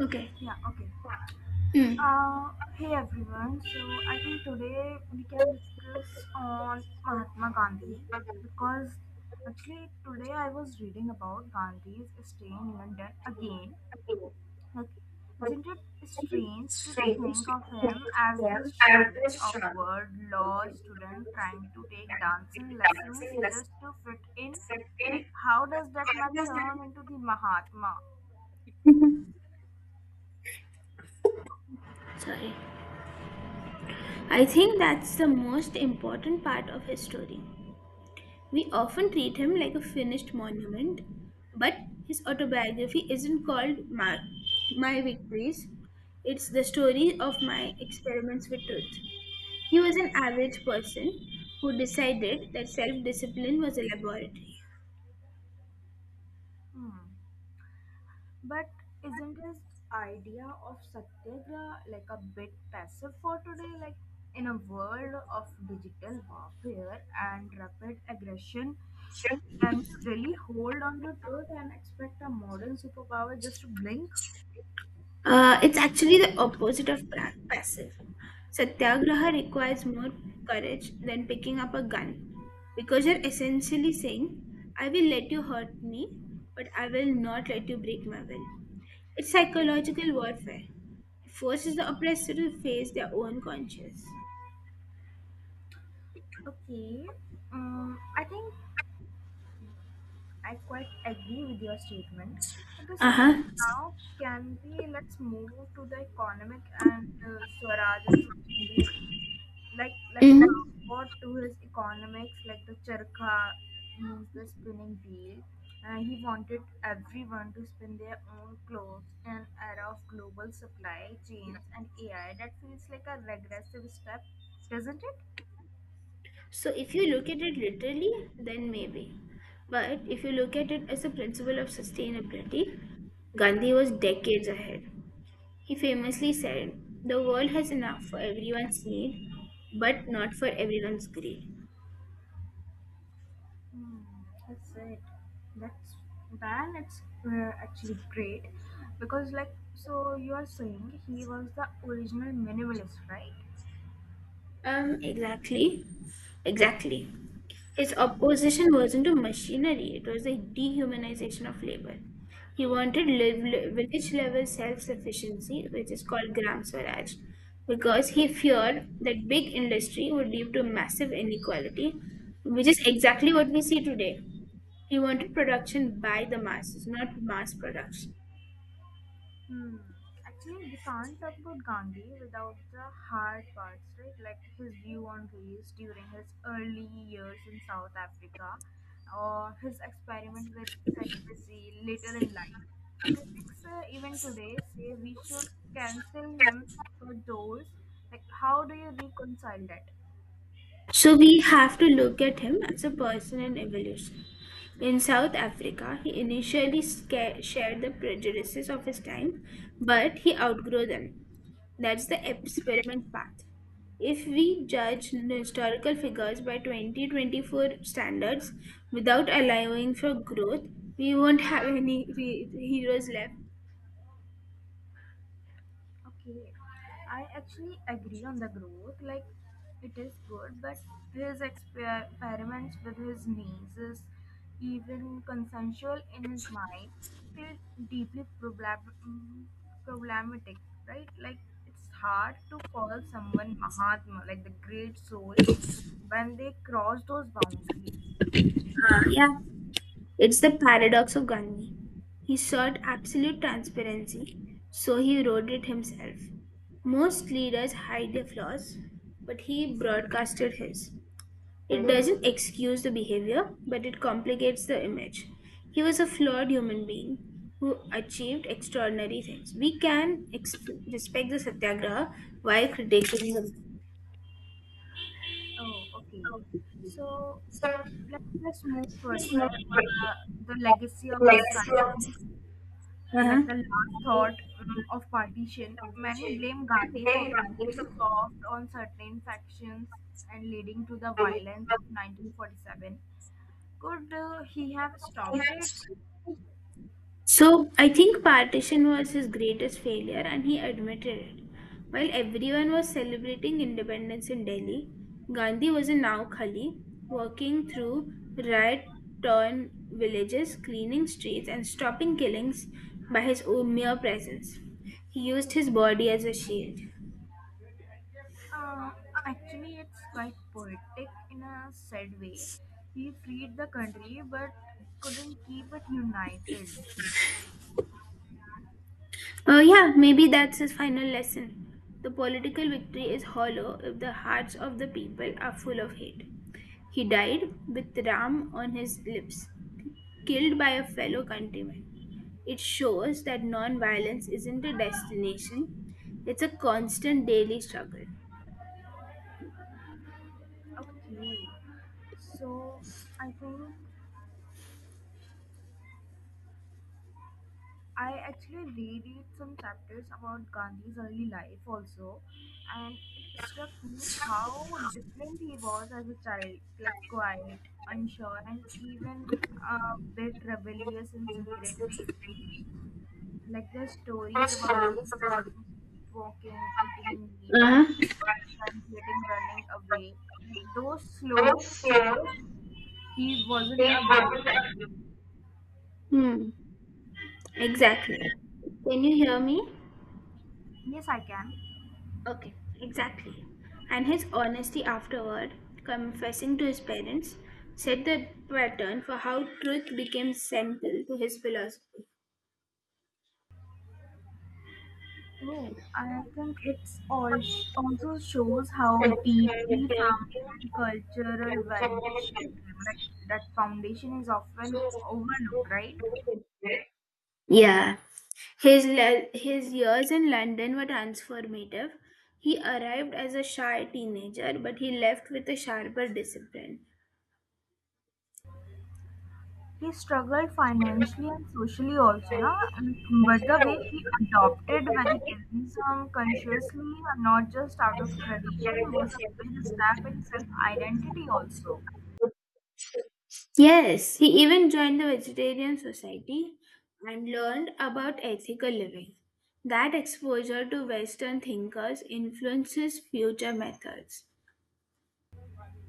Okay. Yeah, okay. Mm, Hey everyone. So I think today we can discuss on Mahatma Gandhi because actually today I was reading about Gandhi's stay in London again. Like, isn't it strange to think of him as this shy, awkward law student trying to take dancing lessons just to fit in? Like, how does that man turn into the Mahatma? Sorry. I think that's the most important part of his story. We often treat him like a finished monument, but his autobiography isn't called My Victories. It's the story of my experiments with truth. He was an average person who decided that self discipline was a laboratory. Hmm. But isn't this idea of satyagraha like a bit passive for today? Like in a world of digital warfare and rapid aggression, can you really hold on to truth and expect a modern superpower just to blink? It's actually the opposite of passive. Satyagraha requires more courage than picking up a gun because you're essentially saying, I will let you hurt me, but I will not let you break my will. It's psychological warfare. It forces the oppressor to face their own conscience. Okay, I think I quite agree with your statement. Okay, Uh so huh. now can we let's move to the economic and Swaraj and sustainability. Like let's Hmm. forward to his economics, like the charkha means the spinning wheel. He wanted everyone to spin their own clothes in an era of global supply chains and AI. That feels like a regressive step, doesn't it? So if you look at it literally, then maybe. But if you look at it as a principle of sustainability, Gandhi was decades ahead. He famously said, the world has enough for everyone's need, but not for everyone's greed. Hmm, that's it. That's then it's actually great because like so you are saying he was the original minimalist, right? Exactly. Exactly. His opposition wasn't to machinery, it was the dehumanization of labor. He wanted village level self sufficiency, which is called Gram Swaraj, because he feared that big industry would lead to massive inequality, which is exactly what we see today. He wanted production by the masses, not mass production. Hmm. Actually, we can't talk about Gandhi without the hard parts, right? Like his view on race during his early years in South Africa, or his experiment with celibacy later in life. Critics, even today, say we should cancel him for those. Like, how do you reconcile that? So we have to look at him as a person in evolution. In South Africa, he initially shared the prejudices of his time, but he outgrew them. That's the experiment path. If we judge historical figures by 2024 standards without allowing for growth, we won't have any heroes left. Okay, I actually agree on the growth. Like, it is good, but his experiments with his niece is even consensual in his mind, feel deeply problematic, right? Like, it's hard to call someone Mahatma, like the great soul, when they cross those boundaries. Yeah, it's the paradox of Gandhi. He sought absolute transparency, so he wrote it himself. Most leaders hide their flaws, but he broadcasted his. It doesn't excuse the behavior, but it complicates the image. He was a flawed human being who achieved extraordinary things. We can respect the Satyagraha while critiquing the. Oh, okay. So, let's move further on the legacy of the silence like Uh-huh. the last thought of partition, many blame Gandhi for being too soft on certain factions and leading to the violence of 1947. Could he have stopped it? So I think partition was his greatest failure and he admitted it. While everyone was celebrating independence in Delhi, Gandhi was in Naukhali, walking through riot torn villages, cleaning streets, and stopping killings by his own mere presence. He used his body as a shield. Uh, Actually, it's quite poetic in a sad way. He freed the country but couldn't keep it united. Yeah, maybe that's his final lesson. The political victory is hollow if the hearts of the people are full of hate. He died with Ram on his lips, killed by a fellow countryman. It shows that non-violence isn't a destination, it's a constant daily struggle. Okay, so I think I actually reread some chapters about Gandhi's early life also, and it struck me how different he was as a child, like quiet, unsure, and even a bit rebellious in secret ways. Like the stories about him walking, eating meat, and even sometimes running away. Like those slow, he wasn't a boss. Hmm, exactly. Can you hear me? Yes, I can. Okay, exactly. And his honesty afterward, confessing to his parents, set the pattern for how truth became central to his philosophy. Oh, I think it's all also shows how deeply family and cultural values shape him. Like that foundation is often overlooked, right? Yeah, his, his years in London were transformative. He arrived as a shy teenager, but he left with a sharper discipline. He struggled financially and socially also, na? And but the way he adopted vegetarianism consciously, and not just out of tradition, was a big step in self-identity also. Yes, he even joined the Vegetarian Society and learned about ethical living. That exposure to Western thinkers influences future methods.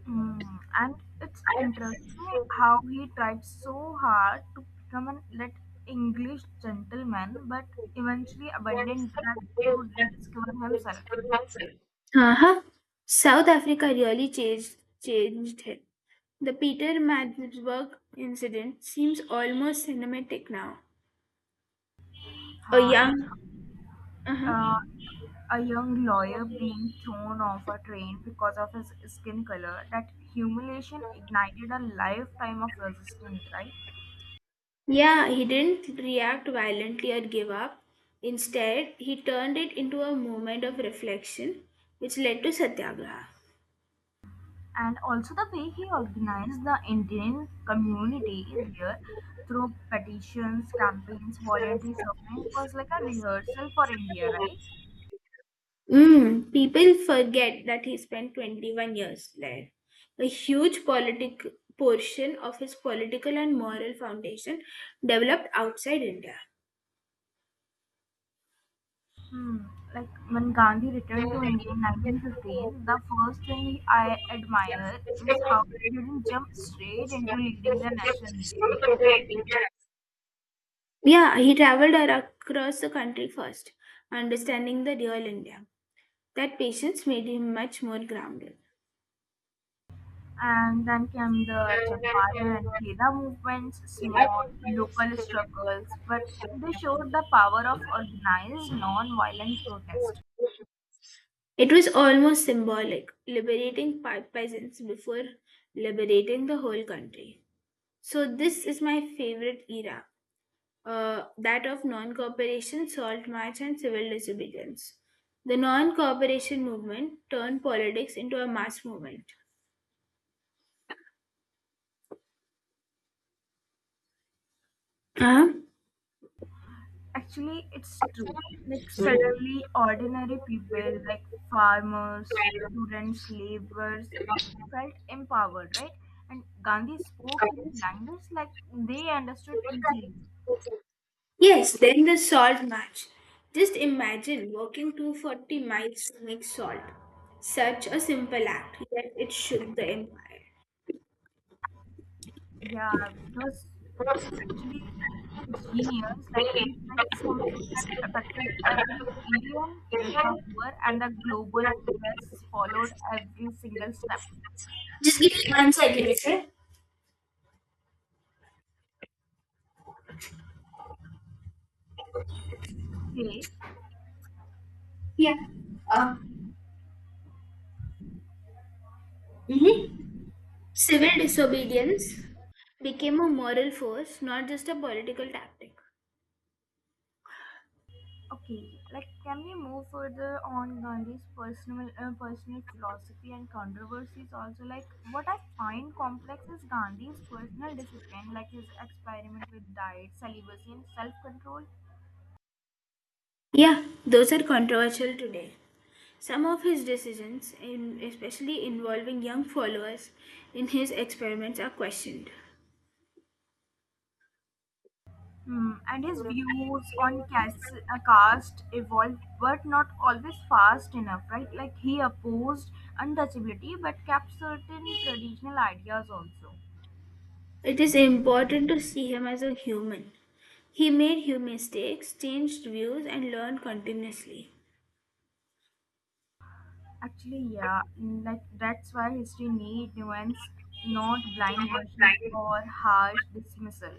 Hmm, and it's interesting how he tried so hard to become an elite English gentleman, but eventually abandoned that to rediscover himself. Uh-huh. South Africa really changed him. The Peter Madsburg incident seems almost cinematic now. A young, Actually, uh-huh. uh, a young lawyer being thrown off a train because of his skin color, that humiliation ignited a lifetime of resistance, right? Yeah, he didn't react violently or give up. Instead, he turned it into a moment of reflection, which led to Satyagraha. And also the way he organized the Indian community there through petitions, campaigns, voluntary suffering was like a rehearsal for India, right? Mm, people forget that he spent 21 years there. A huge politic portion of his political and moral foundation developed outside India. Hmm. Like when Gandhi returned to India in 1915, the first thing I admire is how he didn't jump straight into leading the national movement. Yeah, he traveled across the country first, understanding the real India. That patience made him much more grounded. And then came the Champaran and Kheda movements, small local struggles, but they showed the power of organized non-violent protest. It was almost symbolic, liberating peasants before liberating the whole country. So, this is my favorite era that of non-cooperation, salt march, and civil disobedience. The non-cooperation movement turned politics into a mass movement. Uh-huh. Actually, it's true. Like suddenly, ordinary people like farmers, students, laborers felt empowered, right? And Gandhi spoke in language like they understood easily. Yes, then the salt march. Just imagine walking 240 miles to make salt. Such a simple act, yet it shook the empire. Yeah, it was actually genius. Like he picked something that affected every Indian, rich or poor, and the global press followed every single step. Just give me 1 second, okay? Okay, Yeah. Uh, mm-hmm. Civil disobedience became a moral force, not just a political tactic. okay. Like, can we move further on Gandhi's personal philosophy and controversies? Also, like what I find complex is Gandhi's personal discipline, like his experiment with diet, celibacy, and self-control. Yeah, those are controversial today. Some of his decisions, in especially involving young followers in his experiments, are questioned. Hmm, and his views on caste evolved, but not always fast enough, right? Like he opposed untouchability, but kept certain traditional ideas also. It is important to see him as a human. He made huge mistakes, changed views, and learned continuously. Actually, yeah, like that's why history need nuance, not blind worship or harsh dismissal.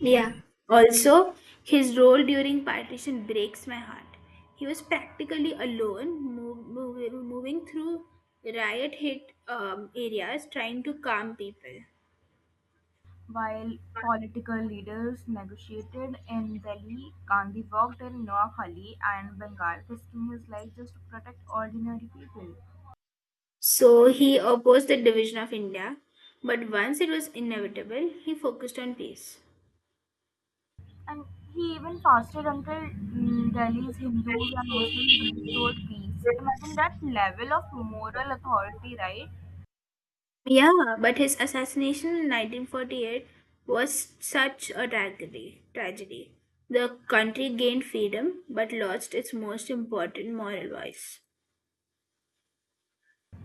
Yeah. Also, his role during partition breaks my heart. He was practically alone, moving through riot hit areas trying to calm people. While political leaders negotiated in Delhi, Gandhi worked in Noakhali and Bengal, risking his life just to protect ordinary people. So he opposed the division of India, but once it was inevitable, he focused on peace. And he even fasted until Delhi's Hindus and Muslims restored peace. Imagine that level of moral authority, right? Yeah, but his assassination in 1948 was such a tragedy. Tragedy. The country gained freedom but lost its most important moral voice.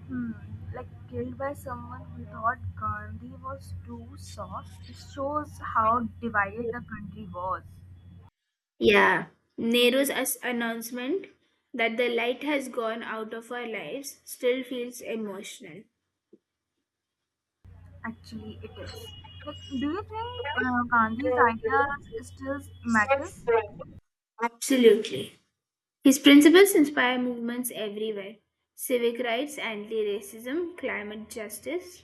Hmm. Like killed by someone who thought Gandhi was too soft. It shows how divided the country was. Yeah, Nehru's announcement that the light has gone out of our lives still feels emotional. Actually, it is. Like, do you think Gandhi's ideas still matter? Absolutely. His principles inspire movements everywhere civic rights, anti racism, climate justice.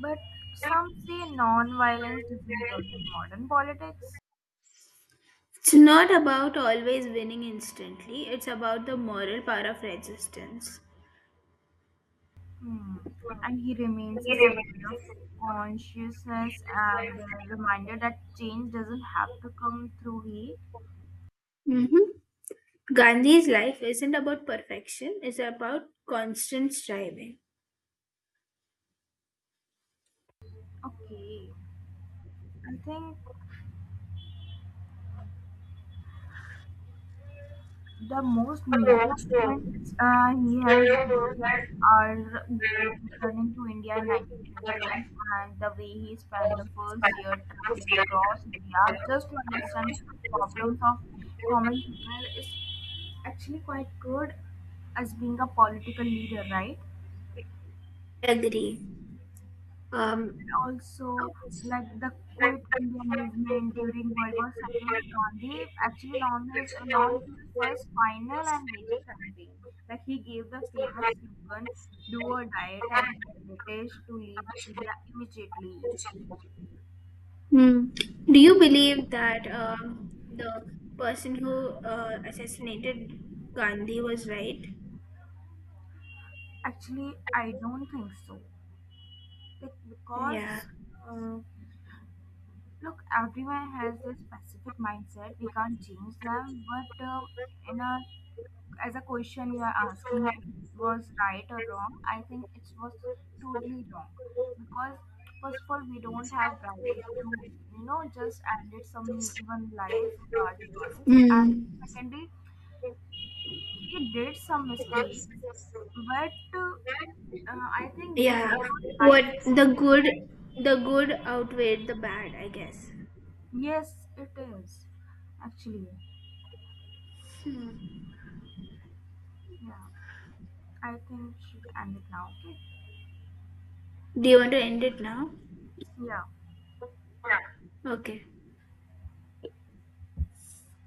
But some say non-violence doesn't work in modern politics. It's not about always winning instantly, it's about the moral power of resistance. Hmm. And he remains a symbol of consciousness and a reminder that change doesn't have to come through he. Hmm. Gandhi's life isn't about perfection, it's about constant striving. Okay. I think the most major movements he has done are returning to India in 1915 and the way he spent the first year traveling across India just to understand problems of common people is actually quite good as being a political leader, right? Agree. Um, And also, like the Quit India movement during World War II, Gandhi actually launched his first final and major campaign. Like he gave the famous slogan, "Do or die," telling the British to leave India immediately. hmm. Do you believe that the person who assassinated Gandhi was right? Actually, I don't think so. Like Yeah. because uh, look, everyone has their specific mindset. We can't change them, but in a as a question you are asking if it was right or wrong, I think it was totally wrong because first of all we don't have right to you know just ended someone life with our choice, and Hmm. secondly he did some mistakes, but uh, I think this is Yeah, not what life. The good outweighed the bad, I guess. Yes, it is actually. Hmm. Yeah. I think we should end it now, okay? Do you want to end it now? Yeah. Okay.